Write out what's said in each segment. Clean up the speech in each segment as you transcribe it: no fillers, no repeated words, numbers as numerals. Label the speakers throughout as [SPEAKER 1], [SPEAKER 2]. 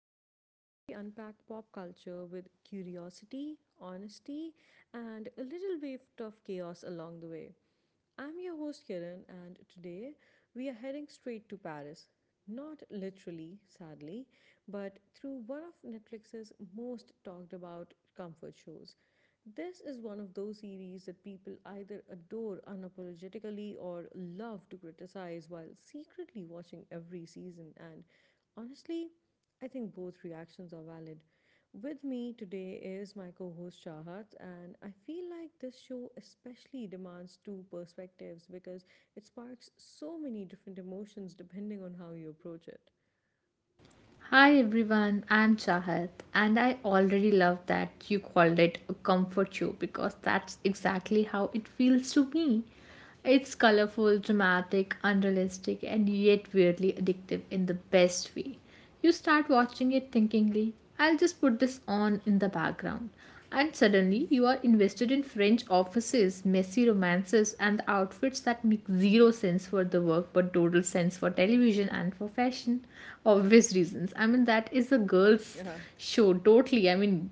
[SPEAKER 1] the space where we unpack pop culture with curiosity, honesty, and a little bit of chaos along the way. I'm your host Kiran, and today we are heading straight to Paris. Not literally, sadly, but through one of Netflix's most talked about comfort shows. This is one of those series that people either adore unapologetically or love to criticize while secretly watching every season. And honestly, I think both reactions are valid. With me today is my co host Shahat, and I feel like this show especially demands two perspectives because it sparks so many different emotions depending on how you approach it.
[SPEAKER 2] Hi everyone, I'm Chahat, and I already love that you called it a comfort show because that's exactly how it feels to me. It's colorful, dramatic, unrealistic, and yet weirdly addictive in the best way. You start watching it thinkingly, I'll just put this on in the background. And suddenly you are invested in French offices, messy romances, and the outfits that make zero sense for the work but total sense for television and for fashion. Obvious reasons. That is a girl's
[SPEAKER 1] Yeah.
[SPEAKER 2] show, totally.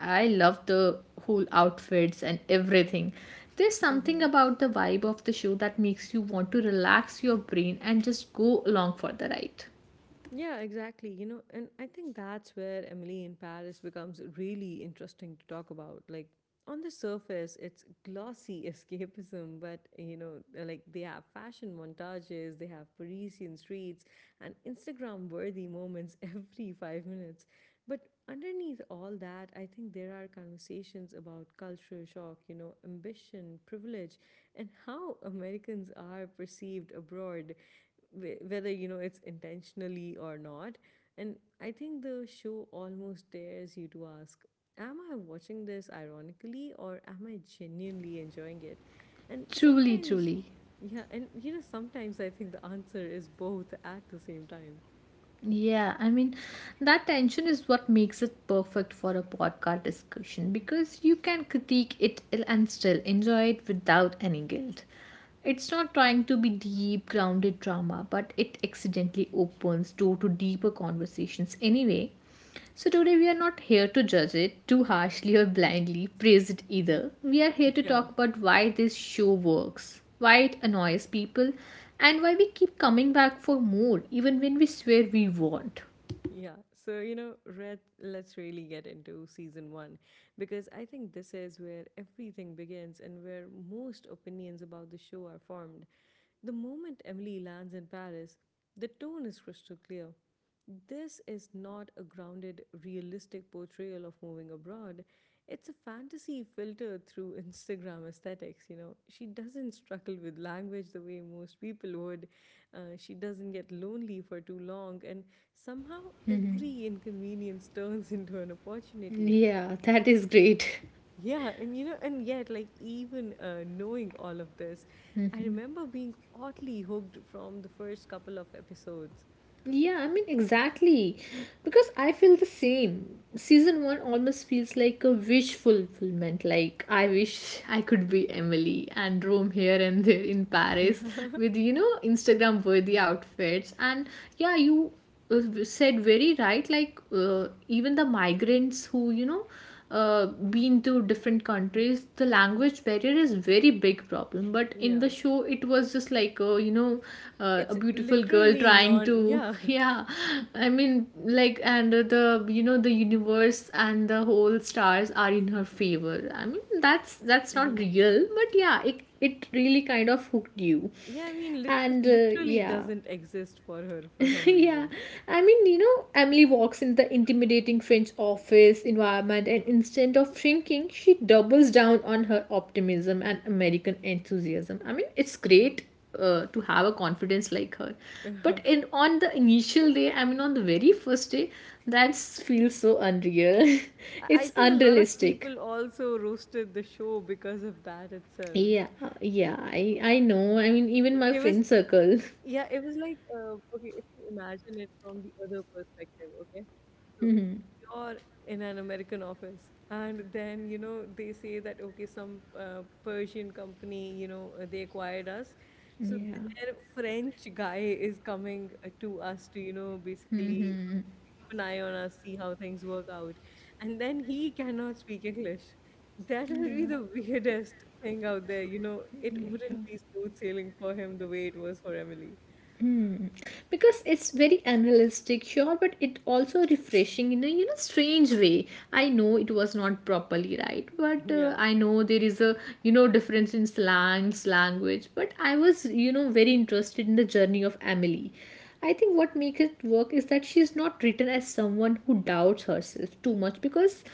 [SPEAKER 2] I love the whole outfits and everything. There's something about the vibe of the show that makes you want to relax your brain and just go along for the ride.
[SPEAKER 1] Yeah, exactly. And I think that's where Emily in Paris becomes really interesting to talk about. On the surface, it's glossy escapism, but they have fashion montages, they have Parisian streets, and Instagram worthy moments every five minutes. But underneath all that, I think there are conversations about cultural shock, ambition, privilege, and how Americans are perceived abroad, whether it's intentionally or not. And I think the show almost dares you to ask, am I watching this ironically or am I genuinely enjoying it? And
[SPEAKER 2] Truly,
[SPEAKER 1] sometimes,
[SPEAKER 2] truly.
[SPEAKER 1] yeah, and sometimes I think the answer is both at the same time.
[SPEAKER 2] Yeah, I mean, that tension is what makes it perfect for a podcast discussion because you can critique it and still enjoy it without any guilt. It's not trying to be deep, grounded drama, but it accidentally opens door to deeper conversations anyway. So, today we are not here to judge it too harshly or blindly praise it either. We are here to
[SPEAKER 1] Yeah,
[SPEAKER 2] talk about why this show works, why it annoys people, and why we keep coming back for more even when we swear we won't.
[SPEAKER 1] yeah so you know red let's really get into season one, because I think this is where everything begins and where most opinions about the show are formed. The moment Emily lands in Paris, the tone is crystal clear. This is not a grounded, realistic portrayal of moving abroad. It's a fantasy filtered through Instagram aesthetics, you know. She doesn't struggle with language the way most people would. She doesn't get lonely for too long, and somehow every inconvenience turns into an opportunity.
[SPEAKER 2] Yeah, that is great.
[SPEAKER 1] Yeah, and yet, like, even knowing all of this, I remember being oddly hooked from the first couple of episodes.
[SPEAKER 2] Yeah, I mean, exactly. Because I feel the same. Season one almost feels like a wish fulfillment. Like, I wish I could be Emily and roam here and there in
[SPEAKER 1] Yeah.
[SPEAKER 2] Paris with, Instagram worthy outfits. And yeah, you said very right, like even the migrants who uh, been to different countries, the
[SPEAKER 1] Hmm.
[SPEAKER 2] language barrier is very big problem. But in the
[SPEAKER 1] Yeah.
[SPEAKER 2] show it was just like, a
[SPEAKER 1] It's
[SPEAKER 2] beautiful girl
[SPEAKER 1] literally
[SPEAKER 2] trying
[SPEAKER 1] non,
[SPEAKER 2] to
[SPEAKER 1] yeah.
[SPEAKER 2] yeah, and the you know the universe and the whole stars are in her favor. That's not
[SPEAKER 1] Hmm.
[SPEAKER 2] real, but yeah, it really kind of hooked you.
[SPEAKER 1] Yeah, I mean, lit it
[SPEAKER 2] And
[SPEAKER 1] literally
[SPEAKER 2] yeah
[SPEAKER 1] doesn't exist for her for some
[SPEAKER 2] yeah,
[SPEAKER 1] reason.
[SPEAKER 2] Emily walks in the intimidating French office environment, and instead of shrinking, she doubles down on her optimism and American enthusiasm. I mean, it's great to have a confidence like her.
[SPEAKER 1] I
[SPEAKER 2] But in on the initial day, I mean, on the very first day, that feels so unreal.
[SPEAKER 1] I
[SPEAKER 2] It's
[SPEAKER 1] think a lot of
[SPEAKER 2] unrealistic.
[SPEAKER 1] people also roasted the show because of that itself.
[SPEAKER 2] Yeah, I know. I mean,
[SPEAKER 1] I
[SPEAKER 2] even my
[SPEAKER 1] it was
[SPEAKER 2] friend circle.
[SPEAKER 1] I Yeah, it was like, okay, if you imagine it from the other perspective, okay? So you're in an American office, and then, you know, they say that, okay, some Persian company, you know, they acquired us. So
[SPEAKER 2] Yeah,
[SPEAKER 1] their French guy is coming to us to, you know, basically keep an eye on us, see how things work out. And then he cannot speak English. That would be
[SPEAKER 2] yeah,
[SPEAKER 1] the weirdest thing out there. You know, it
[SPEAKER 2] yeah.
[SPEAKER 1] wouldn't be smooth sailing for him the way it was for Emily.
[SPEAKER 2] Hmm. Because it's very unrealistic, sure, but it also refreshing in a you know strange way. I know it was not properly right, but
[SPEAKER 1] Yeah.
[SPEAKER 2] I know there is a you know difference in slangs, language. But I was you know very interested in the journey of Emily. I think what makes it work is that she's not written as someone who doubts herself too much because,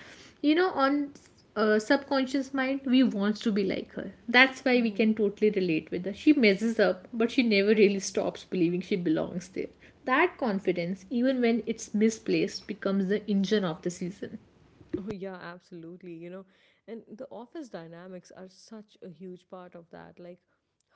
[SPEAKER 2] you know, on subconscious mind, we wants to be like her. That's why we
[SPEAKER 1] Hmm.
[SPEAKER 2] can totally relate with her. She messes up, but she never really stops believing she belongs there. That confidence, even when it's misplaced, becomes the engine of the season.
[SPEAKER 1] Oh, yeah, absolutely. And the office dynamics are such a huge part of that.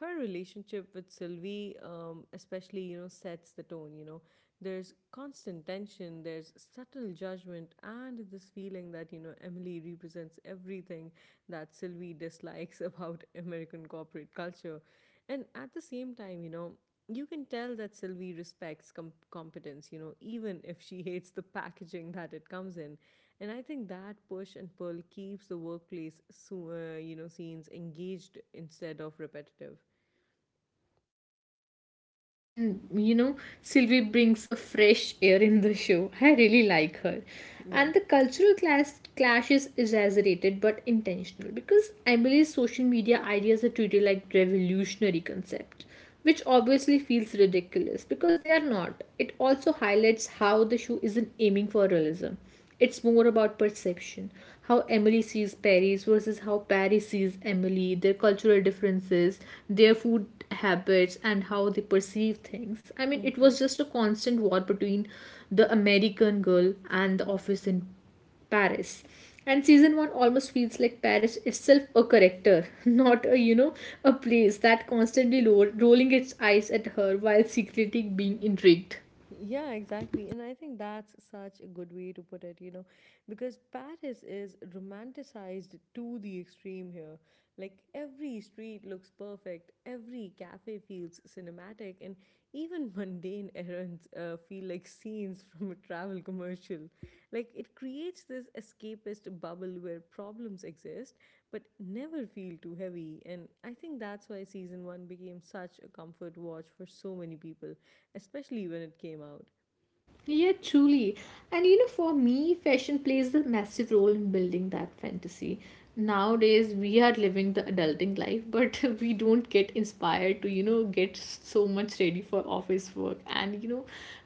[SPEAKER 1] Her relationship with Sylvie, especially, you know, sets the tone. You know, there's constant tension, there's subtle judgment, and this feeling that, you know, Emily represents everything that Sylvie dislikes about American corporate culture. And at the same time, you know, you can tell that Sylvie respects competence, you know, even if she hates the packaging that it comes in. And I think that push and pull keeps the workplace, so, scenes engaged instead of repetitive.
[SPEAKER 2] Mean, you know, Sylvie brings a fresh air in the show. I really like her. And the cultural clash is exaggerated but intentional because Emily's social media ideas are treated like revolutionary concepts, which obviously feels ridiculous because they are not. It also highlights how the show isn't aiming for realism. It's more about perception. How Emily sees Paris versus how Paris sees Emily, their cultural differences, their food habits, and how they perceive things. I mean,
[SPEAKER 1] Yeah.
[SPEAKER 2] it was just a constant war between the American girl and the office in Paris. And season one almost feels like Paris itself a character, not a you know a place that constantly rolling its eyes at her while secretly being intrigued.
[SPEAKER 1] Yeah, exactly. And I think that's such a good way to put it, you know, because Paris is romanticized to the extreme here. Like every street looks perfect, every cafe feels cinematic, and even mundane errands feel like scenes from a travel commercial. Like it creates this escapist bubble where problems exist, but never feel too heavy. And I think that's why season one became such a comfort watch for so many people, especially when it came out.
[SPEAKER 2] Yeah, truly. And you know, for me, fashion plays a massive role in building that fantasy. Nowadays, we are living the adulting life, but we don't get inspired to, you know, get so much ready for office work and, you know,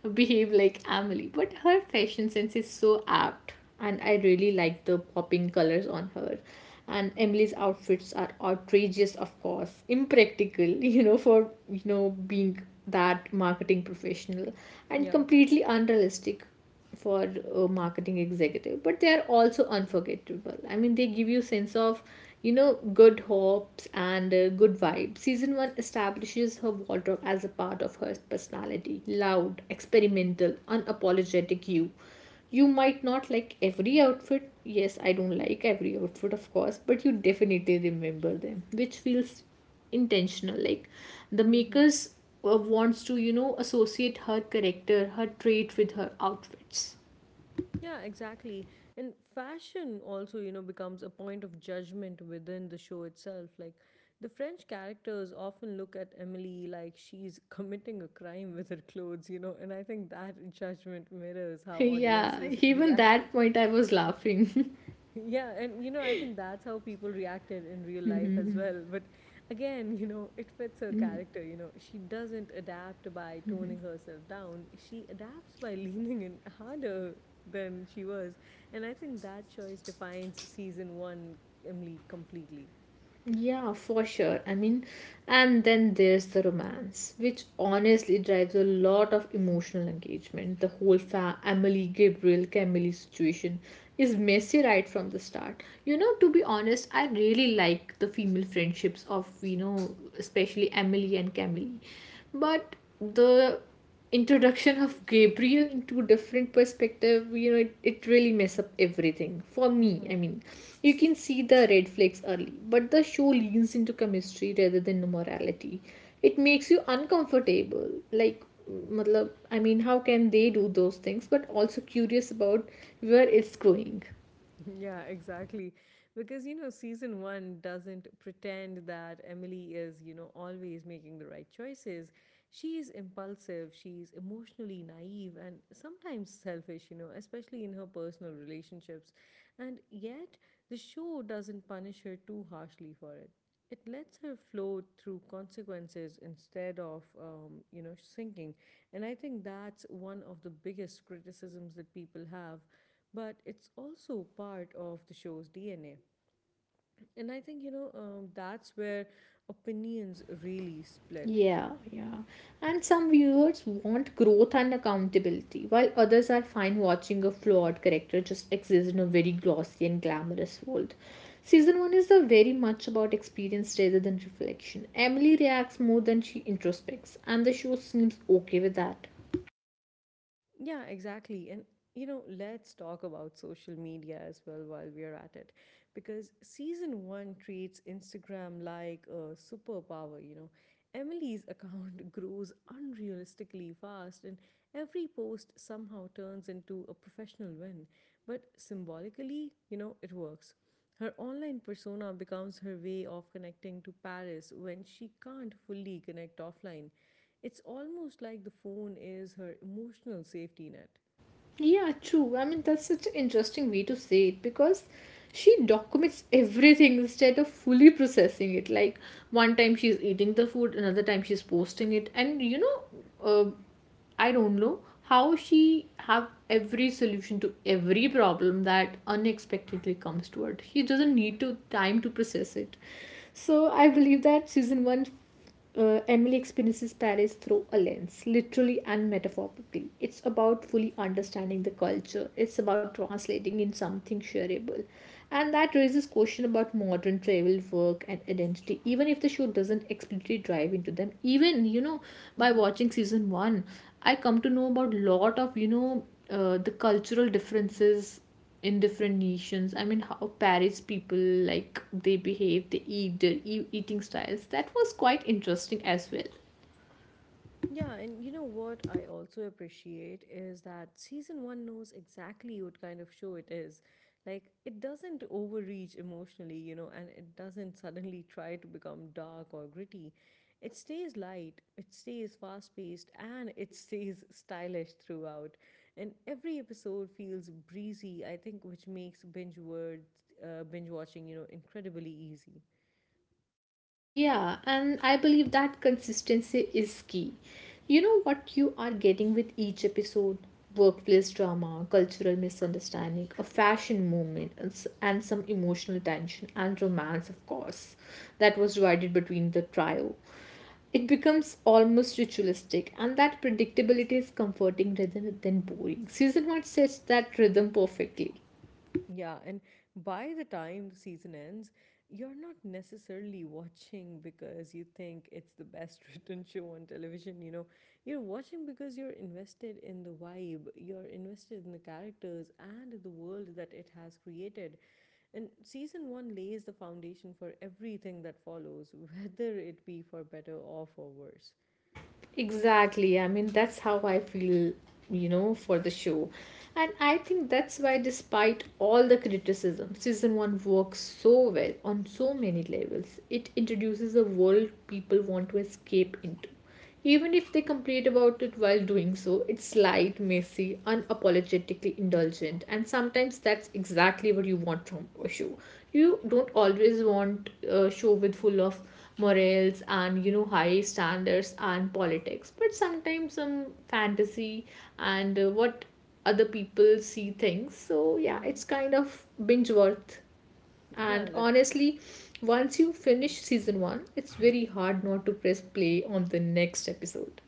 [SPEAKER 2] behave like Emily. But her fashion sense is so apt, and I really like the popping colors on her, and Emily's outfits are outrageous, of course, impractical, you know, for you know being that marketing professional, and
[SPEAKER 1] Yeah.
[SPEAKER 2] completely unrealistic for a marketing executive. But they are also unforgettable. I mean, they give you sense of you know good hopes and good vibe. Season 1 establishes her wardrobe as a part of her personality: loud, experimental, unapologetic. You might not like every outfit. Yes, I don't like every outfit, of course, but you definitely remember them, which feels intentional, like the
[SPEAKER 1] Hmm.
[SPEAKER 2] makers wants to you know associate her character, her trait, with her outfits.
[SPEAKER 1] Yeah, exactly. And fashion also, you know, becomes a point of judgment within the show itself. The French characters often look at Emily like she's committing a crime with her clothes, you know, and I think that judgment mirrors how
[SPEAKER 2] Yeah,
[SPEAKER 1] audiences
[SPEAKER 2] even
[SPEAKER 1] react.
[SPEAKER 2] that point I was laughing.
[SPEAKER 1] Yeah, and you know, I think that's how people reacted in real life as well. But again, you know, it fits her character. You know, she doesn't adapt by toning herself down, she adapts by leaning in harder than she was. And I think that choice defines season one, Emily, completely.
[SPEAKER 2] Yeah, for sure. I mean, and then there's the romance, which honestly drives a lot of emotional engagement. The whole Emily Gabriel Camille situation is messy right from the start. You know, to be honest, I really like the female friendships of, you know, especially Emily and Camille. But the introduction of Gabriel into different perspective, you know, it really mess up everything. For me, I
[SPEAKER 1] Hmm.
[SPEAKER 2] mean, you can see the red flags early, but the show leans into chemistry rather than morality. It makes you uncomfortable. Like, matlab, I mean, how can they do those things, but also curious about where it's going.
[SPEAKER 1] Yeah, exactly. Because, you know, season one doesn't pretend that Emily is, you know, always making the right choices. She is impulsive, she's emotionally naive, and sometimes selfish, you know, especially in her personal relationships. And yet, the show doesn't punish her too harshly for it. It lets her flow through consequences instead of sinking. And I think that's one of the biggest criticisms that people have, but it's also part of the show's DNA. And I think, that's where opinions really split.
[SPEAKER 2] Yeah, yeah. And some viewers want growth and accountability, while others are fine watching a flawed character just exist in a very glossy and glamorous world. Season 1 is a very much about experience rather than reflection. Emily reacts more than she introspects, and the show seems okay with that.
[SPEAKER 1] Yeah, exactly. And you know, let's talk about social media as well while we're at it. Because season one treats Instagram like a superpower, you know. Emily's account grows unrealistically fast, and every post somehow turns into a professional win. But symbolically, you know, it works. Her online persona becomes her way of connecting to Paris when she can't fully connect offline. It's almost like the phone is her emotional safety net.
[SPEAKER 2] Yeah, true. I mean, that's such an interesting way to say it because she documents everything instead of fully processing it. Like, one time she's eating the food, another time she's posting it, and you know, uh, I don't know how she have every solution to every problem that unexpectedly comes to her. She doesn't need to time to process it. So I believe that season one, Emily experiences Paris through a lens, literally and metaphorically. It's about fully understanding the culture. It's about translating in something shareable, and that raises question about modern travel, work, and identity. Even if the show doesn't explicitly dive into them, even you know, by
[SPEAKER 1] Hmm.
[SPEAKER 2] watching season one, I come to know about lot of you know the cultural differences in different nations. I mean, how Paris people, like, they behave, they eat, their eating styles, that was quite interesting as well.
[SPEAKER 1] Yeah, and you know what I also appreciate is that season one knows exactly what kind of show it is. Like, it doesn't overreach emotionally, you know, and it doesn't suddenly try to become dark or gritty. It stays light, it stays fast paced, and it stays stylish throughout. And every episode feels breezy, I think, which makes binge watching, you know, incredibly easy.
[SPEAKER 2] Yeah, and I believe that consistency is key. You know what you are getting with each episode: workplace drama, cultural misunderstanding, a fashion movement, and and some emotional tension and romance, of course, that was divided between the trio. It becomes almost ritualistic, and that predictability is comforting rather than boring. Season 1 sets that rhythm perfectly.
[SPEAKER 1] Yeah, and by the time the season ends, you're not necessarily watching because you think it's the best written show on television, you know. You're watching because you're invested in the vibe, you're invested in the characters and the world that it has created. And season one lays the foundation for everything that follows, whether it be for better or for worse.
[SPEAKER 2] Exactly. I mean, that's how I feel, you know, for the show. And I think that's why, despite all the criticism, season one works so well on so many levels. It introduces a world people want to escape into. Even if they complain about it while doing so, it's light, messy, unapologetically indulgent, and sometimes that's exactly what you want from a show. You don't always want a show with full of morals and you know high standards and politics, but sometimes some fantasy and what other people see things. So yeah,
[SPEAKER 1] Hmm.
[SPEAKER 2] it's kind of binge worth.
[SPEAKER 1] Yeah,
[SPEAKER 2] And
[SPEAKER 1] that's—
[SPEAKER 2] honestly, once you finish season 1, it's very hard not to press play on the next episode.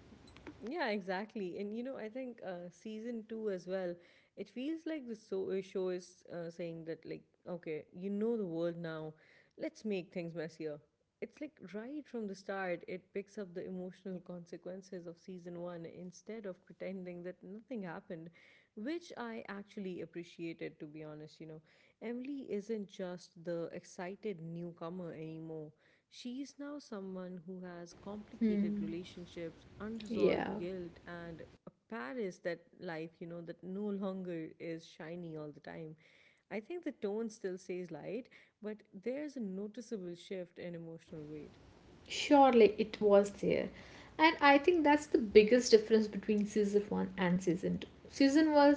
[SPEAKER 1] yeah, exactly. And you know, I think season two as well, it feels like the show is saying that, like, okay, you know the world now, let's make things messier. It's like right from the start it picks up the emotional consequences of season one instead of pretending that nothing happened, which I actually appreciated, to be honest. You know, Emily isn't just the excited newcomer anymore, she's now someone who has complicated
[SPEAKER 2] Hmm.
[SPEAKER 1] relationships, unresolved
[SPEAKER 2] Yeah,
[SPEAKER 1] guilt, and a Paris that life, you know, that no longer is shiny all the time. I think the tone still stays light, but there's a noticeable shift in emotional weight.
[SPEAKER 2] surely it was there. And I think that's the biggest difference between season 1 and season 2. Season 1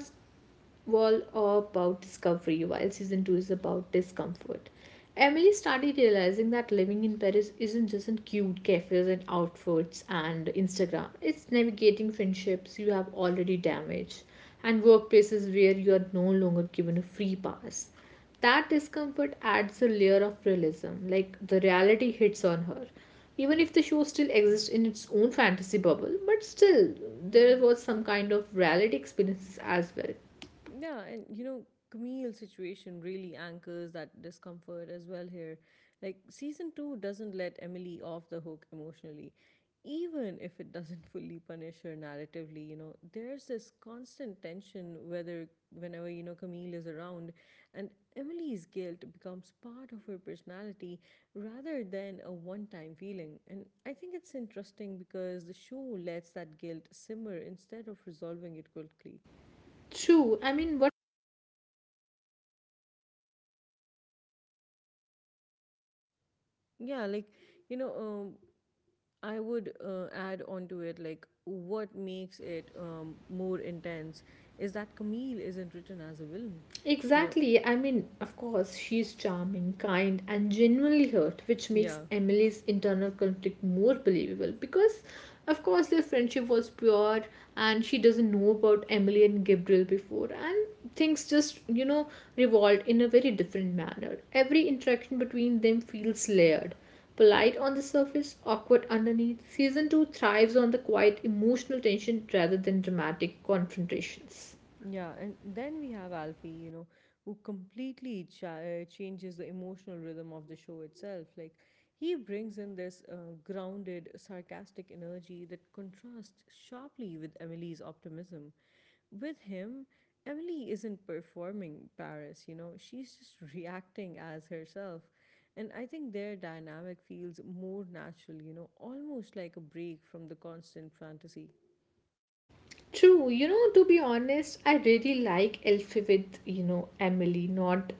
[SPEAKER 2] all about discovery, while season 2 is about discomfort. Emily started realizing that living in Paris isn't just in cute cafes and outfits and Instagram. It's navigating friendships you have already damaged and workplaces where you are no longer given a free pass. That discomfort adds a layer of realism, like the reality hits on her. Even if the show still exists in its own fantasy bubble, but still, there was some kind of reality experiences as well.
[SPEAKER 1] Yeah, and you know, Camille's situation really anchors that discomfort as well here. Like, season two doesn't let Emily off the hook emotionally, even if it doesn't fully punish her narratively. You know, there's this constant tension whether whenever, you know, Camille is around, and Emily's guilt becomes part of her personality rather than a one time feeling. And I think it's interesting because the show lets that guilt simmer instead of resolving it quickly.
[SPEAKER 2] True. I mean, what
[SPEAKER 1] Yeah, like, you know, um, I would add on to it, like, what makes it more intense is that Camille isn't written as a villain, you know.
[SPEAKER 2] exactly? I mean, of course, she's charming, kind, and genuinely hurt, which makes
[SPEAKER 1] Yeah,
[SPEAKER 2] Emily's internal conflict more believable because, of course, their friendship was pure and she doesn't know about Emily and Gabriel before, and things just, you know, revolved in a very different manner. Every interaction between them feels layered. Polite on the surface, awkward underneath. Season 2 thrives on the quiet emotional tension rather than dramatic confrontations.
[SPEAKER 1] yeah. And then we have Alfie, you know, who completely changes the emotional rhythm of the show itself. Like, he brings in this grounded, sarcastic energy that contrasts sharply with Emily's optimism. With him, Emily isn't performing Paris, you know, she's just reacting as herself. And I think their dynamic feels more natural, you know, almost like a break from the constant fantasy.
[SPEAKER 2] True, you know, to be honest, I really like Elfie with, you know, Emily, not,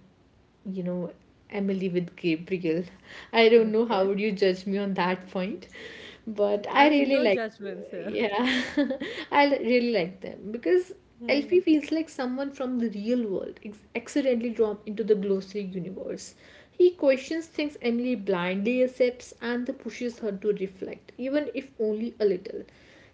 [SPEAKER 2] you know, Emily with Gabriel. I don't know how
[SPEAKER 1] Okay.
[SPEAKER 2] would you judge me on that point, but
[SPEAKER 1] I
[SPEAKER 2] I
[SPEAKER 1] mean,
[SPEAKER 2] really
[SPEAKER 1] no
[SPEAKER 2] like,
[SPEAKER 1] judgments here.
[SPEAKER 2] yeah, really like them because
[SPEAKER 1] Mhm.
[SPEAKER 2] Elfie feels like someone from the real world, accidentally drawn into the glossary universe. He questions things Emily blindly accepts and pushes her to reflect, even if only a little.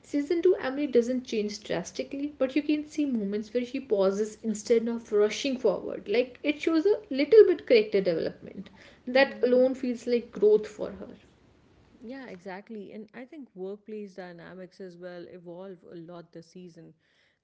[SPEAKER 2] Season 2, Emily doesn't change drastically, but you can see moments where she pauses instead of rushing forward. Like it shows a little bit character development. That
[SPEAKER 1] Mhm.
[SPEAKER 2] alone feels like growth for her.
[SPEAKER 1] Yeah, exactly. And I think workplace dynamics as well evolve a lot this season.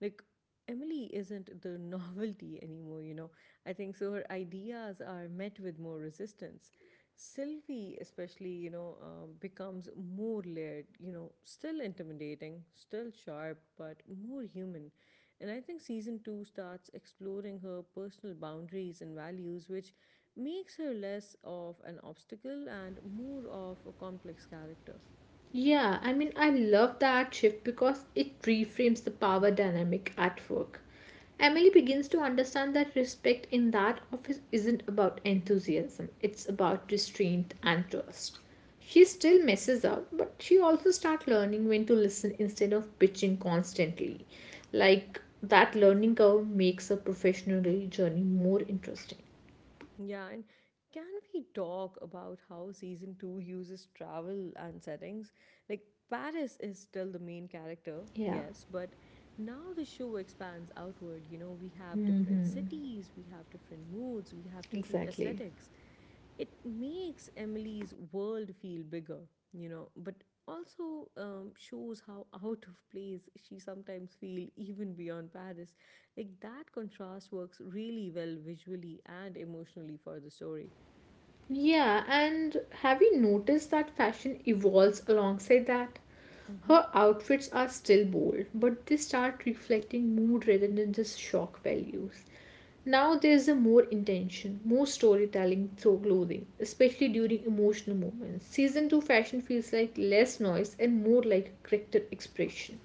[SPEAKER 1] Like, Emily isn't the novelty anymore, you know. I think so her ideas are met with more resistance. Sylvie, especially, becomes more layered, you know, still intimidating, still sharp, but more human. And I think season two starts exploring her personal boundaries and values, which makes her less of an obstacle and more of a complex character.
[SPEAKER 2] Yeah, I mean, I love that shift because it reframes the power dynamic at work. Emily begins to understand that respect in that office isn't about enthusiasm, it's about restraint and trust. She still messes up, but she also starts learning when to listen instead of bitching constantly. Like that learning curve makes her professional journey more interesting.
[SPEAKER 1] Yeah, and can we talk about how season two uses travel and settings? Like, Paris is still the main character,
[SPEAKER 2] Yeah,
[SPEAKER 1] yes, but now the show expands outward. You know, we have different
[SPEAKER 2] hmm,
[SPEAKER 1] cities, we have different moods, we have different
[SPEAKER 2] exactly.
[SPEAKER 1] aesthetics. It makes Emily's world feel bigger, you know, but also shows how out of place she sometimes feels, even beyond Paris. Like that contrast works really well visually and emotionally for the story.
[SPEAKER 2] Yeah, and have you noticed that fashion evolves alongside that?
[SPEAKER 1] Hmm
[SPEAKER 2] Her outfits are still bold, but they start reflecting mood rather than just shock values. Now there's a more intention, more storytelling through clothing, especially during emotional moments. Season 2 fashion feels like less noise and more like character expression.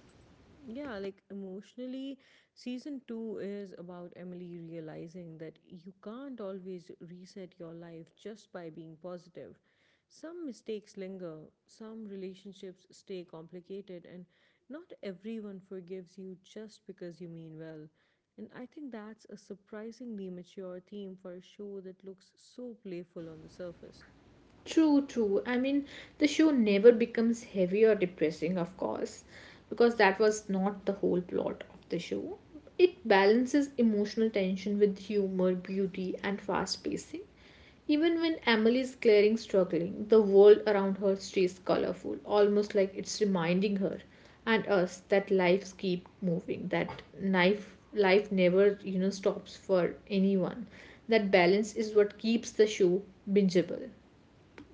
[SPEAKER 1] Yeah, like emotionally, season two is about Emily realizing that you can't always reset your life just by being positive. Some mistakes linger, some relationships stay complicated, and not everyone forgives you just because you mean well. And I think that's a surprisingly mature theme for a show that looks so playful on the surface.
[SPEAKER 2] True, true. I mean, the show never becomes heavy or depressing, of course, because that was not the whole plot of the show. It balances emotional tension with humor, beauty, and fast pacing. Even when Emily is clearing struggling, the world around her stays colorful, almost like it's reminding her and us that lives keep moving, that life never, stops for anyone. That balance is what keeps the show bingeable.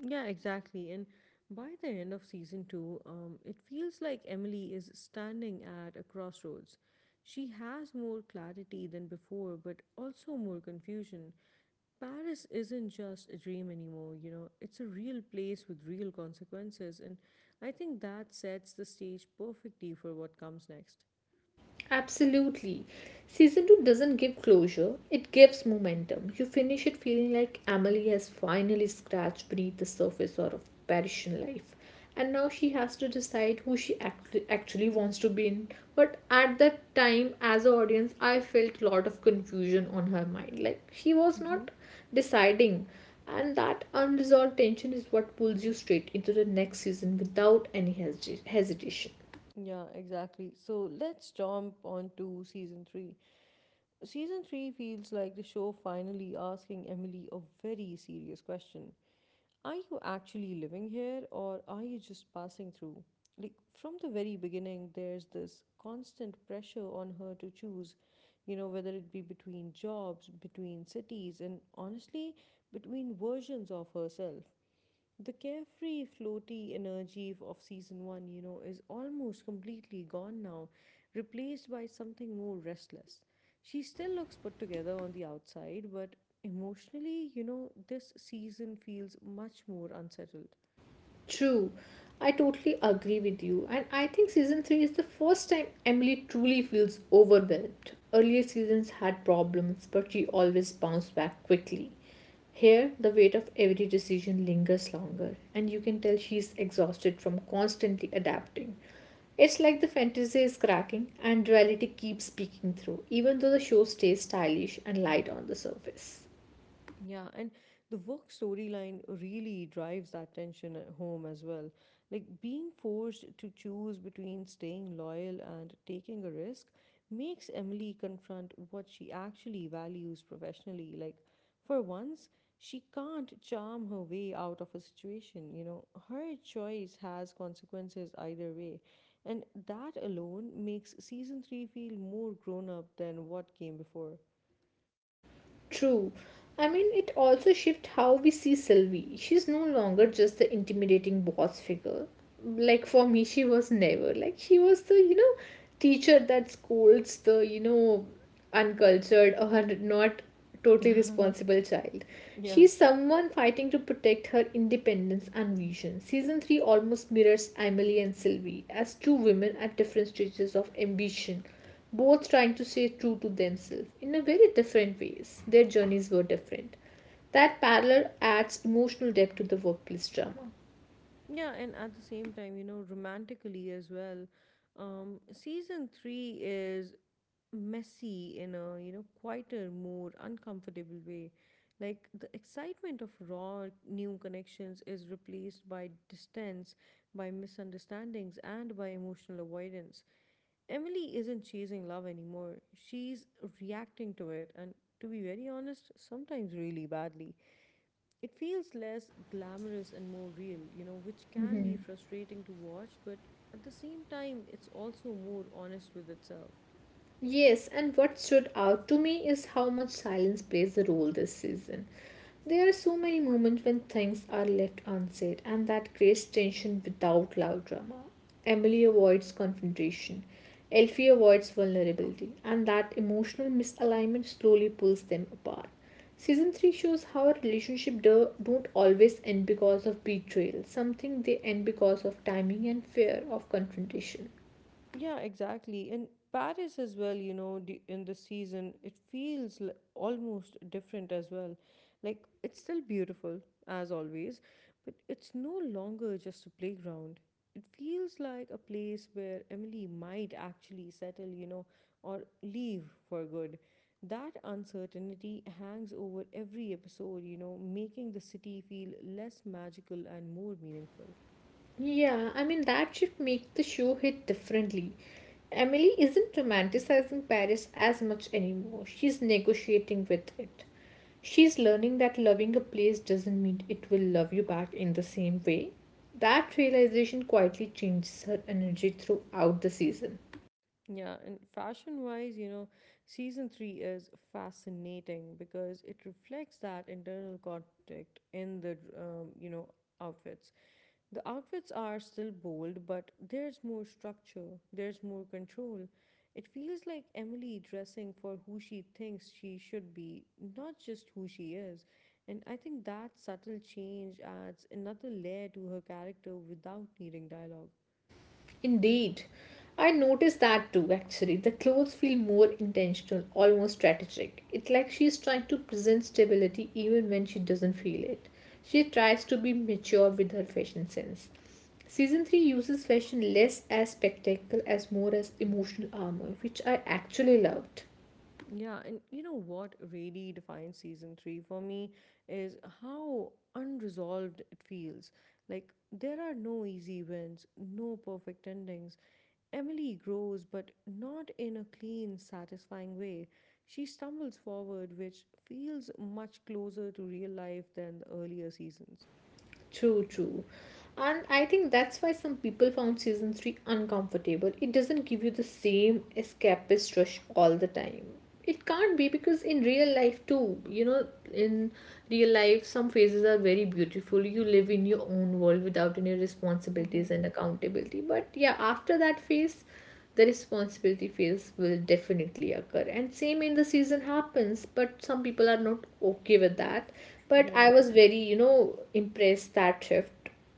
[SPEAKER 1] Yeah, exactly. And by the end of season two, it feels like Emily is standing at a crossroads. She has more clarity than before, but also more confusion. Paris isn't just a dream anymore, you know, it's a real place with real consequences. And I think that sets the stage perfectly for what comes next.
[SPEAKER 2] Absolutely. Season 2 doesn't give closure, it gives momentum. You finish it feeling like Emily has finally scratched beneath the surface or of Parisian life. And now she has to decide who she actually wants to be in. But at that time, as an audience, I felt a lot of confusion on her mind. Like she was
[SPEAKER 1] Mm-hmm.
[SPEAKER 2] not deciding. And that unresolved tension is what pulls you straight into the next season without any hesitation.
[SPEAKER 1] Yeah, exactly. So let's jump on to season three. Season 3 feels like the show finally asking Emily a very serious question. Are you actually living here or are you just passing through? Like from the very beginning, there's this constant pressure on her to choose, you know, whether it be between jobs, between cities, and honestly, between versions of herself. The carefree, floaty energy of season one, you know, is almost completely gone now, replaced by something more restless. She still looks put together on the outside, but emotionally, you know, this season feels much more unsettled.
[SPEAKER 2] True, I totally agree with you, and I think season 3 is the first time Emily truly feels overwhelmed. Earlier seasons had problems, but she always bounced back quickly. Here, the weight of every decision lingers longer, and you can tell she's exhausted from constantly adapting. It's like the fantasy is cracking and reality keeps peeking through, even though the show stays stylish and light on the surface.
[SPEAKER 1] Yeah, and the work storyline really drives that tension at home as well. Like being forced to choose between staying loyal and taking a risk makes Emily confront what she actually values professionally. Like, for once, she can't charm her way out of a situation, you know. Her choice has consequences either way. And that alone makes season 3 feel more grown up than what came before.
[SPEAKER 2] True. I mean, it also shifts how we see Sylvie. She's no longer just the intimidating boss figure. Like for me, she was never. Like she was the, teacher that scolds the, uncultured or not totally responsible child.
[SPEAKER 1] Yeah.
[SPEAKER 2] She's someone fighting to protect her independence and vision. Season 3 almost mirrors Emily and Sylvie as two women at different stages of ambition, both trying to stay true to themselves in a very different ways. Their journeys were different. That parallel adds emotional depth to the workplace drama.
[SPEAKER 1] Yeah, and at the same time, you know, romantically as well, season three is messy in a, you know, quieter, more uncomfortable way. Like the excitement of raw new connections is replaced by distance, by misunderstandings, and by emotional avoidance. Emily isn't chasing love anymore. She's reacting to it, and to be very honest, sometimes really badly. It feels less glamorous and more real, you know, which can be frustrating to watch, but at the same time, it's also more honest with itself.
[SPEAKER 2] Yes, and what stood out to me is how much silence plays a role this season. There are so many moments when things are left unsaid, and that creates tension without loud drama. Emily avoids confrontation, Elfie avoids vulnerability, and that emotional misalignment slowly pulls them apart. Season 3 shows how a relationship don't always end because of betrayal, something they end because of timing and fear of confrontation.
[SPEAKER 1] Yeah, exactly. And Paris as well, you know, in the season, it feels almost different as well. Like it's still beautiful as always, but it's no longer just a playground. It feels like a place where Emily might actually settle, you know, or leave for good. That uncertainty hangs over every episode, you know, making the city feel less magical and more meaningful.
[SPEAKER 2] Yeah, I mean, that should make the show hit differently. Emily isn't romanticizing Paris as much anymore. She's negotiating with it. She's learning that loving a place doesn't mean it will love you back in the same way. That realization quietly changes her energy throughout the season.
[SPEAKER 1] Yeah, and fashion wise, you know, season three is fascinating because it reflects that internal conflict in the, you know, outfits. The outfits are still bold, but there's more structure, there's more control. It feels like Emily dressing for who she thinks she should be, not just who she is. And I think that subtle change adds another layer to her character without needing dialogue.
[SPEAKER 2] Indeed. I noticed that too actually. The clothes feel more intentional, almost strategic. It's like she's trying to present stability even when she doesn't feel it. She tries to be mature with her fashion sense. Season 3 uses fashion less as spectacle as more as emotional armor, which I actually loved.
[SPEAKER 1] Yeah, and you know what really defines season three for me is how unresolved it feels. Like, there are no easy wins, no perfect endings. Emily grows, but not in a clean, satisfying way. She stumbles forward, which feels much closer to real life than the earlier seasons.
[SPEAKER 2] True, true. And I think that's why some people found season 3 uncomfortable. It doesn't give you the same escapist rush all the time. It can't be because in real life, too, in real life, some phases are very beautiful. You live in your own world without any
[SPEAKER 1] Mm-hmm.
[SPEAKER 2] responsibilities and accountability. But yeah, after that phase, the responsibility phase will definitely occur and same in the season happens, but some people are not okay with that, but I
[SPEAKER 1] Yeah,
[SPEAKER 2] was very, impressed that shift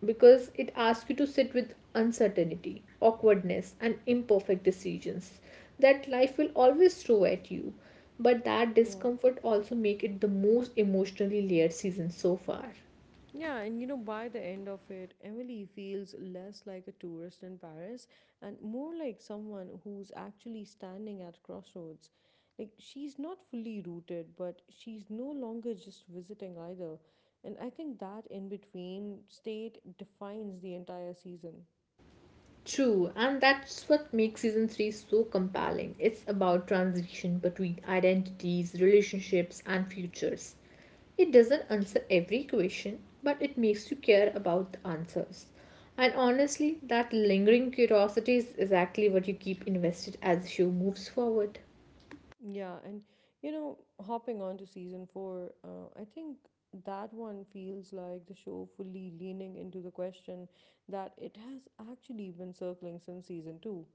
[SPEAKER 2] because it asks you to sit with uncertainty, awkwardness, and imperfect decisions that life will always throw at you, but that
[SPEAKER 1] yeah.
[SPEAKER 2] discomfort also make it the most emotionally layered season so far.
[SPEAKER 1] Yeah, and you know, by the end of it, Emily feels less like a tourist in Paris and more like someone who's actually standing at crossroads. Like, she's not fully rooted, but she's no longer just visiting either. And I think that in between state defines the entire season.
[SPEAKER 2] True, and that's what makes season 3 so compelling. It's about transition between identities, relationships, and futures. It doesn't answer every question, but it makes you care about the answers. And honestly, that lingering curiosity is exactly what you keep invested as the show moves forward.
[SPEAKER 1] Yeah, and you know, hopping on to season four, I think that one feels like the show fully leaning into the question that it has actually been circling since season two: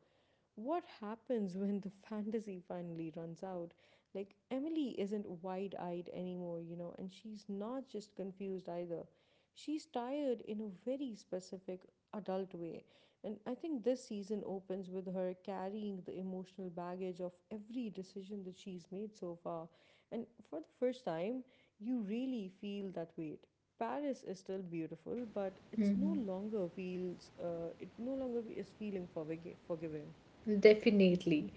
[SPEAKER 1] what happens when the fantasy finally runs out? Like, Emily isn't wide eyed anymore, you know, and she's not just confused either. She's tired in a very specific adult way. And I think this season opens with her carrying the emotional baggage of every decision that she's made so far. And for the first time, you really feel that weight. Paris is still beautiful, but it's no longer feels it no longer is feeling forgiving.
[SPEAKER 2] Definitely.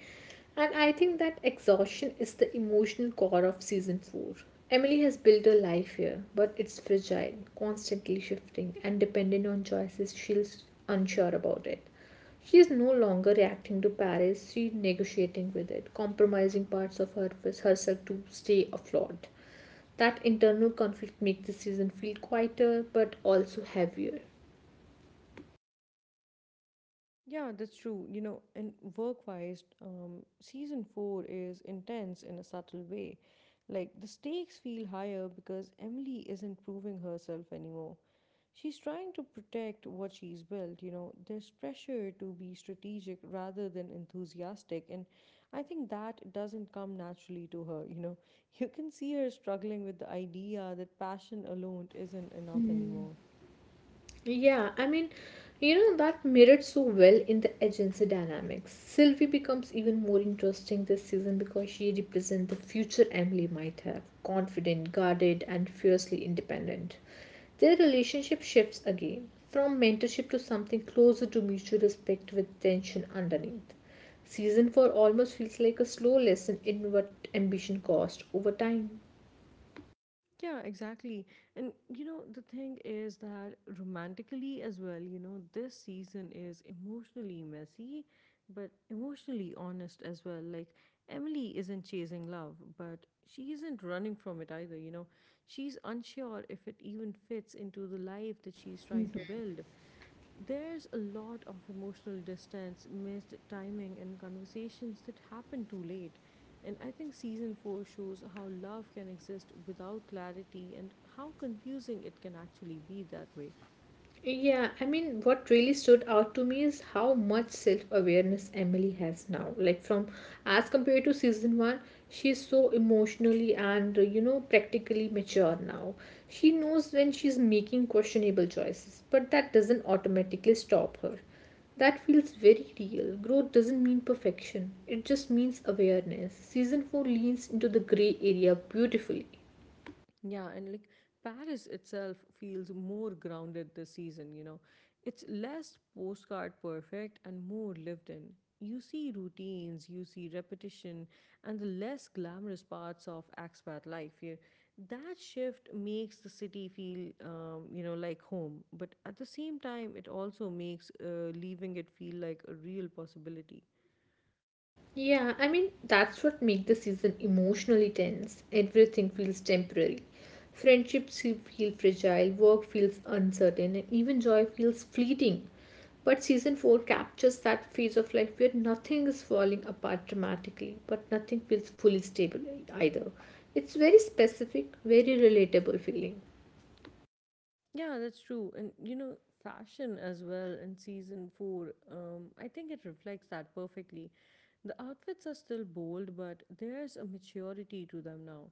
[SPEAKER 2] And I think that exhaustion is the emotional core of season 4. Emily has built her life here, but it's fragile, constantly shifting, and dependent on choices she's unsure about it. She is no longer reacting to Paris, she's negotiating with it, compromising parts of her with herself to stay afloat. That internal conflict makes the season feel quieter but also heavier.
[SPEAKER 1] Yeah, that's true. You know, and work wise, season four is intense in a subtle way. Like, the stakes feel higher because Emily isn't proving herself anymore. She's trying to protect what she's built, you know. There's pressure to be strategic rather than enthusiastic, and I think that doesn't come naturally to her, you know. You can see her struggling with the idea that passion alone isn't enough anymore.
[SPEAKER 2] Yeah, I mean, that mirrored so well in the agency dynamics. Sylvie becomes even more interesting this season because she represents the future Emily might have confident, guarded, and fiercely independent. Their relationship shifts again from mentorship to something closer to mutual respect with tension underneath. Season 4 almost feels like a slow lesson in what ambition costs over time.
[SPEAKER 1] Yeah, exactly. And you know, the thing is that romantically as well, you know, this season is emotionally messy, but emotionally honest as well. Like, Emily isn't chasing love, but she isn't running from it either, you know. She's unsure if it even fits into the life that she's trying to build. There's a lot of emotional distance, missed timing, and conversations that happen too late. And I think season 4 shows how love can exist without clarity and how confusing it can actually be that way.
[SPEAKER 2] Yeah, I mean, what really stood out to me is how much self-awareness Emily has now. Like from, as compared to season one, she's so emotionally and practically mature now. She knows when she's making questionable choices, but that doesn't automatically stop her. That feels very real. Growth doesn't mean perfection. It just means awareness. Season 4 leans into the gray area beautifully.
[SPEAKER 1] Yeah, and like Paris itself feels more grounded this season, you know. It's less postcard perfect and more lived in. You see routines, you see repetition, and the less glamorous parts of expat life here. That shift makes the city feel, you know, like home. But at the same time, it also makes leaving it feel like a real possibility.
[SPEAKER 2] Yeah, I mean, that's what makes the season emotionally tense. Everything feels temporary. Friendships feel fragile, work feels uncertain, and even joy feels fleeting. But season 4 captures that phase of life where nothing is falling apart dramatically, but nothing feels fully stable either. It's very specific, very relatable feeling.
[SPEAKER 1] Yeah, that's true. And you know, fashion as well in season four, I think it reflects that perfectly. The outfits are still bold, but there's a maturity to them now.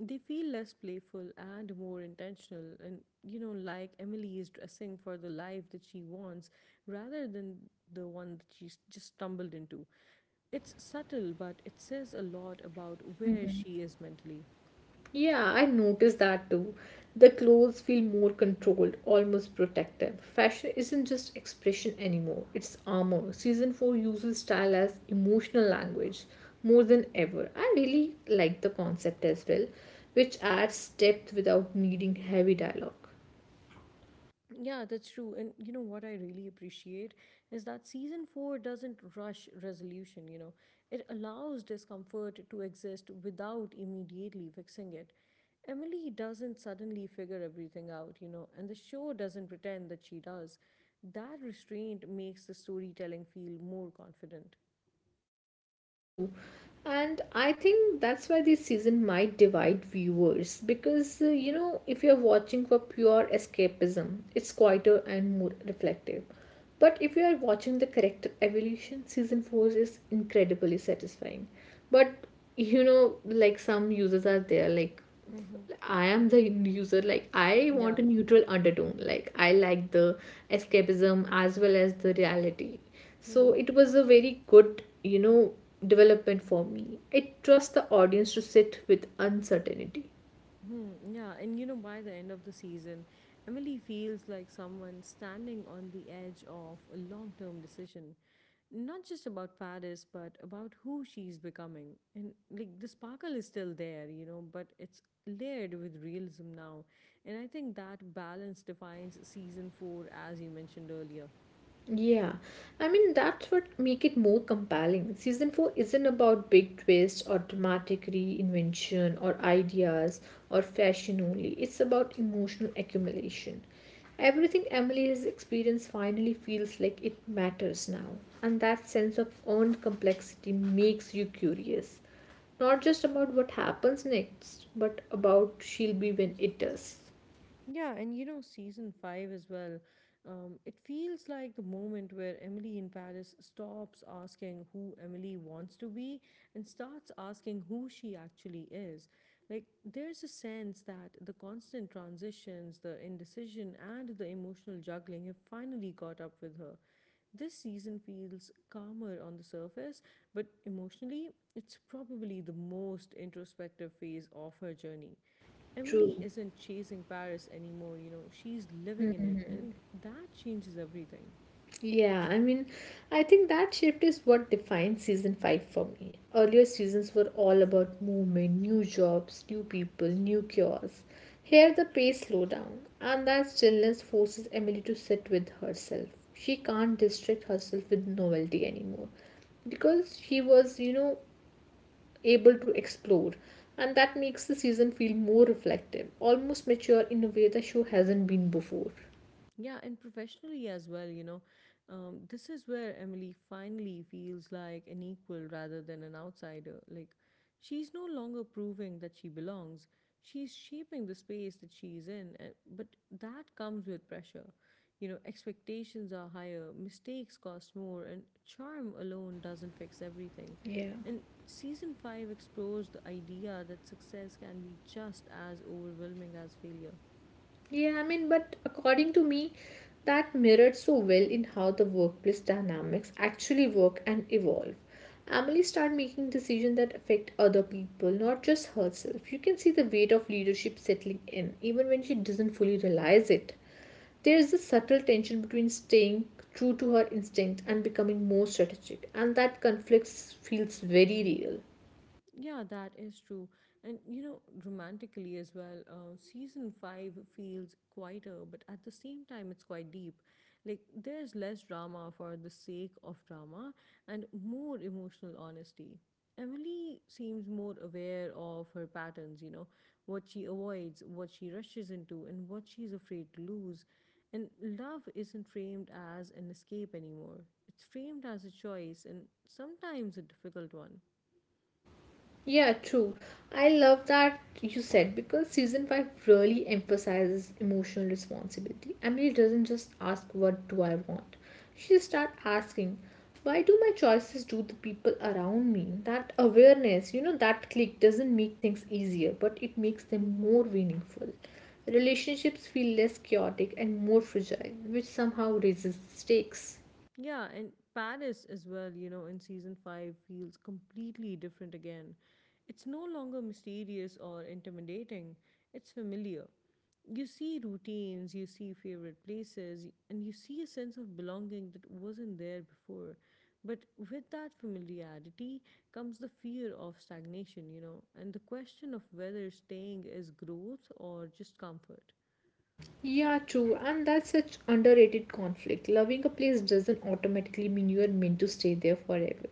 [SPEAKER 1] They feel less playful and more intentional, and you know, like Emily is dressing for the life that she wants rather than the one that she's just stumbled into. It's subtle, but it says a lot about where she is mentally.
[SPEAKER 2] Yeah, I noticed that too. The clothes feel more controlled, almost protective. Fashion isn't just expression anymore, it's armor. Season 4 uses style as emotional language more than ever. I really like the concept as well, which adds depth without needing heavy dialogue.
[SPEAKER 1] Yeah, that's true. And you know what I really appreciate is that season four doesn't rush resolution, you know, it allows discomfort to exist without immediately fixing it. Emily doesn't suddenly figure everything out, you know, and the show doesn't pretend that she does. That restraint makes the storytelling feel more confident.
[SPEAKER 2] True. And I think that's why this season might divide viewers because if you're watching for pure escapism, it's quieter and more reflective. But if you are watching the character evolution, season 4 is incredibly satisfying. But like some users are there, like
[SPEAKER 1] Mm-hmm.
[SPEAKER 2] I am the user, like I want
[SPEAKER 1] Yeah.
[SPEAKER 2] a neutral undertone. Like I like the escapism as well as the reality. So
[SPEAKER 1] Mm-hmm.
[SPEAKER 2] it was a very good, development for me. It trusts the audience to sit with uncertainty.
[SPEAKER 1] Hmm, yeah, and you know, by the end of the season, Emily feels like someone standing on the edge of a long term decision, not just about Paris, but about who she's becoming. And like the sparkle is still there, you know, but it's layered with realism now. And I think that balance defines season four, as you mentioned earlier.
[SPEAKER 2] Yeah, I mean that's what make it more compelling. Season 4 isn't about big twists or dramatic reinvention or ideas or fashion only. It's about emotional accumulation. Everything Emily has experienced finally feels like it matters now, and that sense of earned complexity makes you curious, not just about what happens next, but about she'll be when it does.
[SPEAKER 1] Yeah, and you know, season five as well. It feels like the moment where Emily in Paris stops asking who Emily wants to be and starts asking who she actually is. Like, there's a sense that the constant transitions, the indecision, and the emotional juggling have finally caught up with her. This season feels calmer on the surface, but emotionally, it's probably the most introspective phase of her journey. Emily
[SPEAKER 2] True.
[SPEAKER 1] isn't chasing Paris anymore, you know, she's living in it, and that changes everything.
[SPEAKER 2] Yeah, I mean, I think that shift is what defines season 5 for me. Earlier seasons were all about movement, new jobs, new people, new cures. Here, the pace slowed down, and that stillness forces Emily to sit with herself. She can't distract herself with novelty anymore because she was, able to explore, and that makes the season feel more reflective, almost mature in a way the show hasn't been before.
[SPEAKER 1] Yeah, and professionally as well, you know. This is where Emily finally feels like an equal rather than an outsider. Like, she's no longer proving that she belongs. She's shaping the space that she's in, but that comes with pressure. You know, expectations are higher, mistakes cost more, and charm alone doesn't fix everything.
[SPEAKER 2] Yeah.
[SPEAKER 1] And season 5 explores the idea that success can be just as overwhelming as failure.
[SPEAKER 2] Yeah, I mean, but according to me, that mirrored so well in how the workplace dynamics actually work and evolve. Emily started making decisions that affect other people, not just herself. You can see the weight of leadership settling in, even when she doesn't fully realize it. There is a subtle tension between staying true to her instinct and becoming more strategic, and that conflict feels very real.
[SPEAKER 1] Yeah, that is true. And you know, romantically as well, season five feels quieter, but at the same time, it's quite deep. Like, there's less drama for the sake of drama and more emotional honesty. Emily seems more aware of her patterns, you know, what she avoids, what she rushes into, and what she's afraid to lose. And love isn't framed as an escape anymore, it's framed as a choice and sometimes a difficult one.
[SPEAKER 2] Yeah, true. I love that you said because season 5 really emphasizes emotional responsibility. Emily doesn't just ask, "What do I want?" She starts asking, "Why do my choices do the people around me?" That awareness, that click doesn't make things easier, but it makes them
[SPEAKER 1] Mm-hmm.
[SPEAKER 2] more meaningful. Relationships feel less chaotic and more fragile, which somehow raises the stakes.
[SPEAKER 1] Yeah, and Paris as well, you know, in season 5 feels completely different again. It's no longer mysterious or intimidating, it's familiar. You see routines, you see favorite places, and you see a sense of belonging that wasn't there before. But with that familiarity comes the fear of stagnation, you know, and the question of whether staying is growth or just comfort.
[SPEAKER 2] Yeah, true. And that's such underrated conflict. Loving a place doesn't automatically mean you are meant to stay there forever.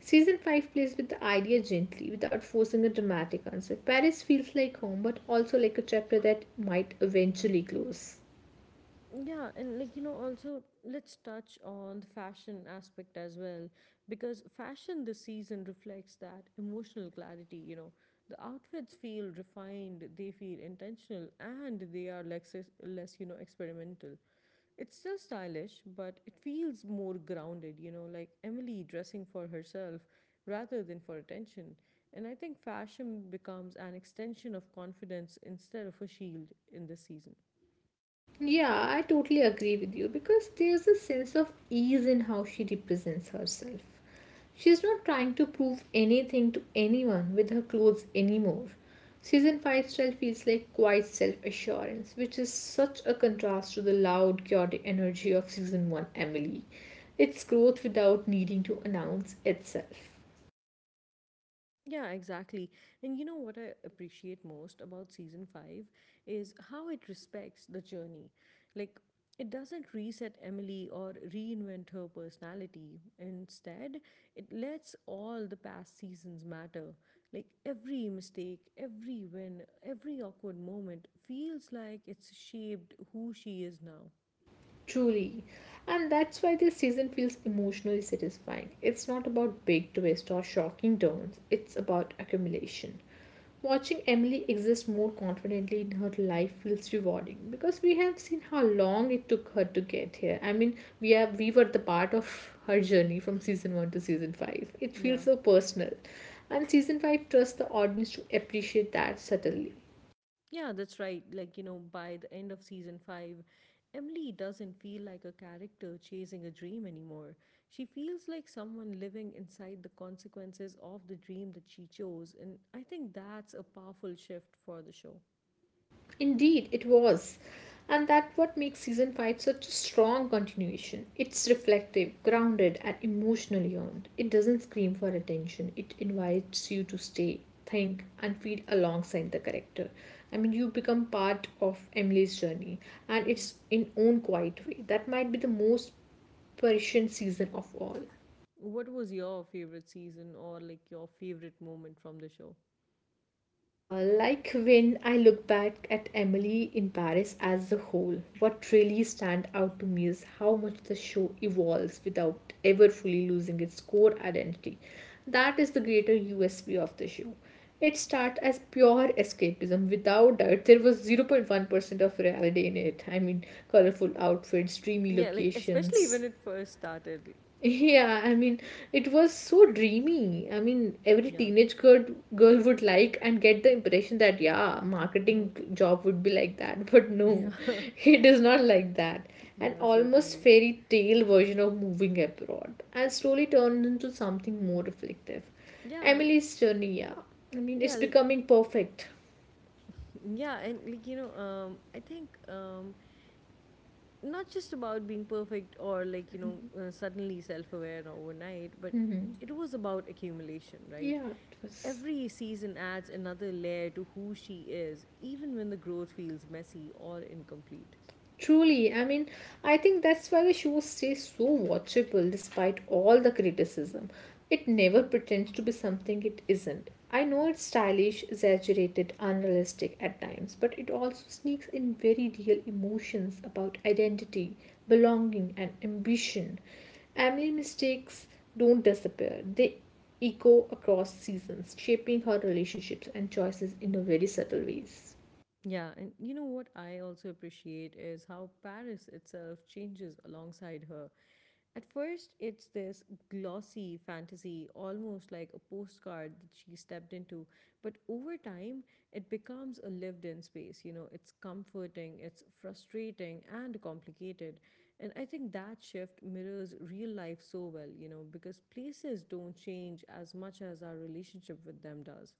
[SPEAKER 2] Season 5 plays with the idea gently without forcing a dramatic answer. Paris feels like home, but also like a chapter that might eventually close.
[SPEAKER 1] Yeah, and like you know, also let's touch on the fashion aspect as well, because fashion this season reflects that emotional clarity. You know, the outfits feel refined, they feel intentional, and they are less you know, experimental. It's still stylish, but it feels more grounded. You know, like Emily dressing for herself rather than for attention. And I think fashion becomes an extension of confidence instead of a shield in this season.
[SPEAKER 2] Yeah, I totally agree with you because there's a sense of ease in how she represents herself. She's not trying to prove anything to anyone with her clothes anymore. Season 5 style feels like quiet self assurance, which is such a contrast to the loud, chaotic energy of season 1 Emily. It's growth without needing to announce itself.
[SPEAKER 1] Yeah, exactly. And you know what I appreciate most about season 5 is how it respects the journey. Like, it doesn't reset Emily or reinvent her personality. Instead, it lets all the past seasons matter. Like, every mistake, every win, every awkward moment feels like it's shaped who she is now.
[SPEAKER 2] Truly. And that's why this season feels emotionally satisfying. It's not about big twists or shocking turns, it's about accumulation. Watching Emily exist more confidently in her life feels rewarding because we have seen how long it took her to get here. I mean, we were the part of her journey from season 1 to season 5. It
[SPEAKER 1] Yeah.
[SPEAKER 2] feels so personal. And season 5 trusts the audience to appreciate that subtly.
[SPEAKER 1] Yeah, that's right. Like, you know, by the end of season five, Emily doesn't feel like a character chasing a dream anymore. She feels like someone living inside the consequences of the dream that she chose. And I think that's a powerful shift for the show.
[SPEAKER 2] Indeed, it was. And that what makes season 5 such a strong continuation. It's reflective, grounded, and emotionally earned. It doesn't scream for attention. It invites you to stay, think, and feel alongside the character. I mean, you become part of Emily's journey, and
[SPEAKER 1] hmm
[SPEAKER 2] it's in own quiet way. That might be the most perishing season of all.
[SPEAKER 1] What was your favorite season or like your favorite moment from the show?
[SPEAKER 2] Like when I look back at Emily in Paris as a whole, what really stand out to me is how much the show evolves without ever fully losing its core identity. That is the greater USP of the show. It started as pure escapism. Without doubt, there was 0.1% of reality in it. I mean, colorful outfits, dreamy
[SPEAKER 1] Yeah, like especially when
[SPEAKER 2] locations,
[SPEAKER 1] it first started.
[SPEAKER 2] yeah, I mean, it was so dreamy. I mean, every
[SPEAKER 1] Yeah.
[SPEAKER 2] teenage girl would like and get the impression that yeah,
[SPEAKER 1] hmm
[SPEAKER 2] marketing job would be like that. But no,
[SPEAKER 1] Yeah.
[SPEAKER 2] it is not like that. An
[SPEAKER 1] Yeah,
[SPEAKER 2] almost
[SPEAKER 1] certainly.
[SPEAKER 2] fairy tale version of moving abroad, and slowly turned into something more reflective.
[SPEAKER 1] Yeah.
[SPEAKER 2] Emily's journey, yeah. I mean, it's
[SPEAKER 1] Yeah, like
[SPEAKER 2] becoming perfect.
[SPEAKER 1] yeah and like you know, I think not just about being perfect or like you know, suddenly self-aware overnight, but it was about accumulation, right?
[SPEAKER 2] Yeah, it was.
[SPEAKER 1] Every season adds another layer to who she is, even when the growth feels messy or incomplete.
[SPEAKER 2] Truly, I mean, I think that's why the show stays so watchable despite all the criticism. It never pretends to be something it isn't. I know it's stylish, exaggerated, unrealistic at times, but it also sneaks in very real emotions about identity, belonging, and ambition. Emily mistakes don't disappear, they echo across seasons, shaping her relationships and choices in a very subtle ways.
[SPEAKER 1] Yeah, and you know what I also appreciate is how Paris itself changes alongside her. At first, it's this glossy fantasy, almost like a postcard that she stepped into. But over time, it becomes a lived in space. You know, it's comforting, it's frustrating, and complicated. And I think that shift mirrors real life so well, you know, because places don't change as much as our relationship with them does.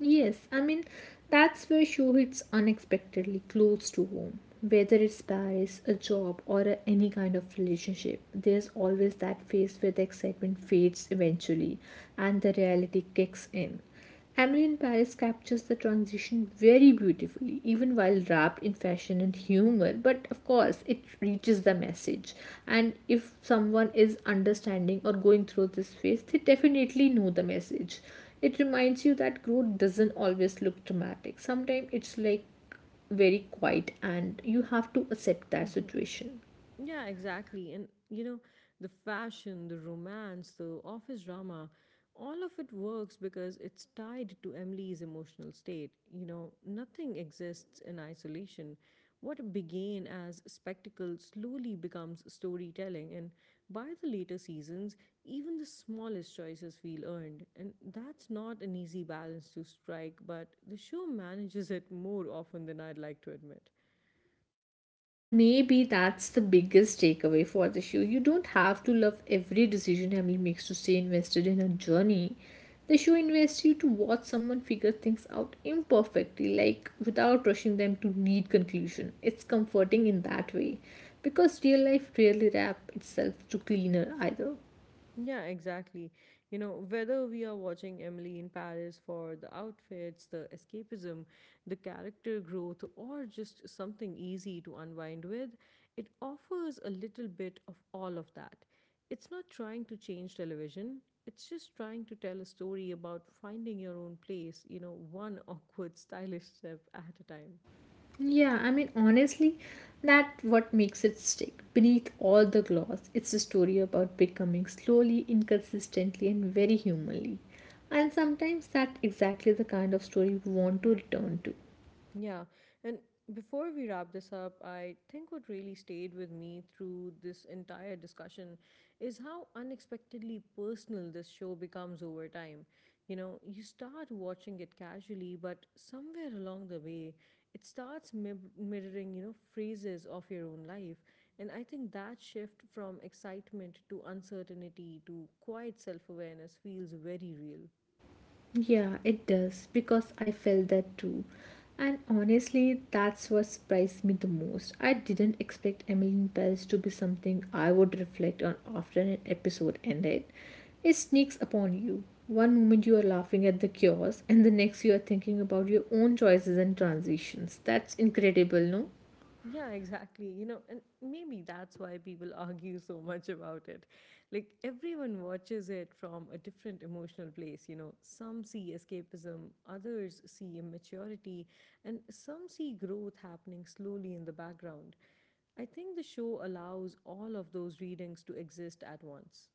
[SPEAKER 2] Yes, I mean, that's where show hits unexpectedly close to home. Whether it's Paris, a job, or a, any kind of relationship, there's always that phase where the excitement fades eventually and the reality kicks in. Emily in Paris captures the transition very beautifully, even while wrapped in fashion and humor. But of course, it reaches the message. And if someone is understanding or going through this phase, they definitely know the message. It reminds you that growth doesn't always look dramatic. Sometimes it's like very quiet and you have to accept that situation.
[SPEAKER 1] Yeah, exactly. And you know, the fashion, the romance, the office drama, all of it works because it's tied to Emily's emotional state. You know, nothing exists in isolation. What began as spectacle slowly becomes storytelling, and by the later seasons, even the smallest choices feel earned. And that's not an easy balance to strike, but the show manages it more often than I'd like to admit.
[SPEAKER 2] And maybe that's the biggest takeaway for the show. You don't have to love every decision Emily makes to stay invested in her journey. The show invests you to watch someone figure things out imperfectly, like without rushing them to neat conclusion. It's comforting in that way, because real life rarely wraps itself to cleaner either.
[SPEAKER 1] Yeah, exactly. You know, whether we are watching Emily in Paris for the outfits, the escapism, the character growth, or just something easy to unwind with, it offers a little bit of all of that. It's not trying to change television, it's just trying to tell a story about finding your own place, you know, one awkward, stylish step at a time.
[SPEAKER 2] Yeah, I mean, honestly, that what makes it stick. Beneath all the gloss, it's a story about becoming slowly, inconsistently, and very humanly. And sometimes that's exactly the kind of story we want to return to.
[SPEAKER 1] Yeah, and before we wrap this up, I think what really stayed with me through this entire discussion is how unexpectedly personal this show becomes over time. You know, you start watching it casually, but somewhere along the way, it starts mirroring, you know, phrases of your own life. And I think that shift from excitement to uncertainty to quiet self awareness feels very real.
[SPEAKER 2] Yeah, it does because I felt that too. And honestly, that's what surprised me the most. I didn't expect Emily in Paris to be something I would reflect on after an episode ended. It sneaks upon you. One moment you are laughing at the chaos, and the next you are thinking about your own choices and transitions. That's incredible, no?
[SPEAKER 1] Yeah, exactly. You know, and maybe that's why people argue so much about it. Like, everyone watches it from a different emotional place. You know, some see escapism, others see immaturity, and some see growth happening slowly in the background. I think the show allows all of those readings to exist at once.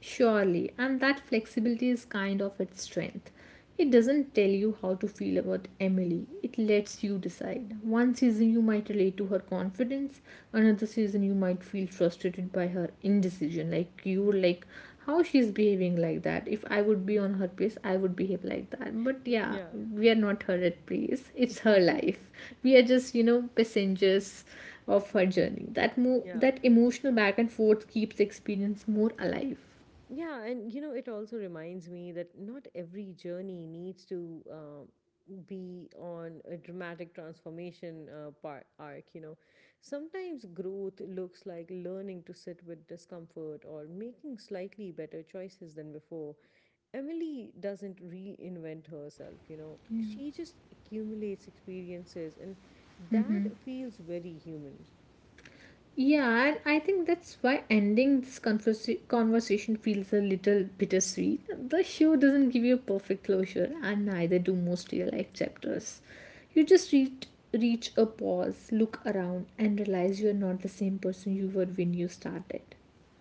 [SPEAKER 2] Surely, and that flexibility is kind of its strength. It doesn't tell you how to feel about Emily, it lets you decide. One season you might relate to her confidence, another season you might feel frustrated by her indecision. Like, you would like how she's behaving like that. If I would be on her place, I would behave like that. But yeah,
[SPEAKER 1] Yeah.
[SPEAKER 2] we are not her at place, it's her life. We are just, you know, passengers of her journey. That, mo-
[SPEAKER 1] Yeah.
[SPEAKER 2] that emotional back and forth keeps the experience more alive.
[SPEAKER 1] Yeah, and you know, it also reminds me that not every journey needs to be on a dramatic transformation arc, you know. Sometimes growth looks like learning to sit with discomfort or making slightly better choices than before. Emily doesn't reinvent herself, you know, she just accumulates experiences, and that feels very human.
[SPEAKER 2] Yeah, and I think that's why ending this conversation feels a little bittersweet. The show doesn't give you a perfect closure, and neither do most real life chapters. You just reach a pause, look around, and realize you're not the same person you were when you started.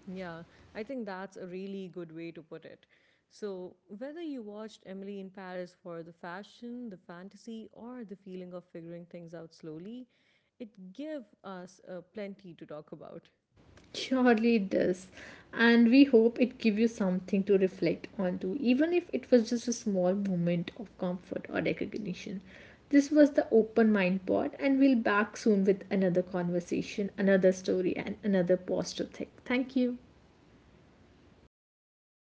[SPEAKER 1] Yeah, I think that's a really good way to put it. So, whether you watched Emily in Paris for the fashion, the fantasy, or the feeling of figuring things out slowly, it gave us plenty to talk about.
[SPEAKER 2] Surely it does. And we hope it give you something to reflect onto, even if it was just a small moment of comfort or recognition. This was the Open Mind Pod, and we'll back soon with another conversation, another story, and another pause to think. Thank you.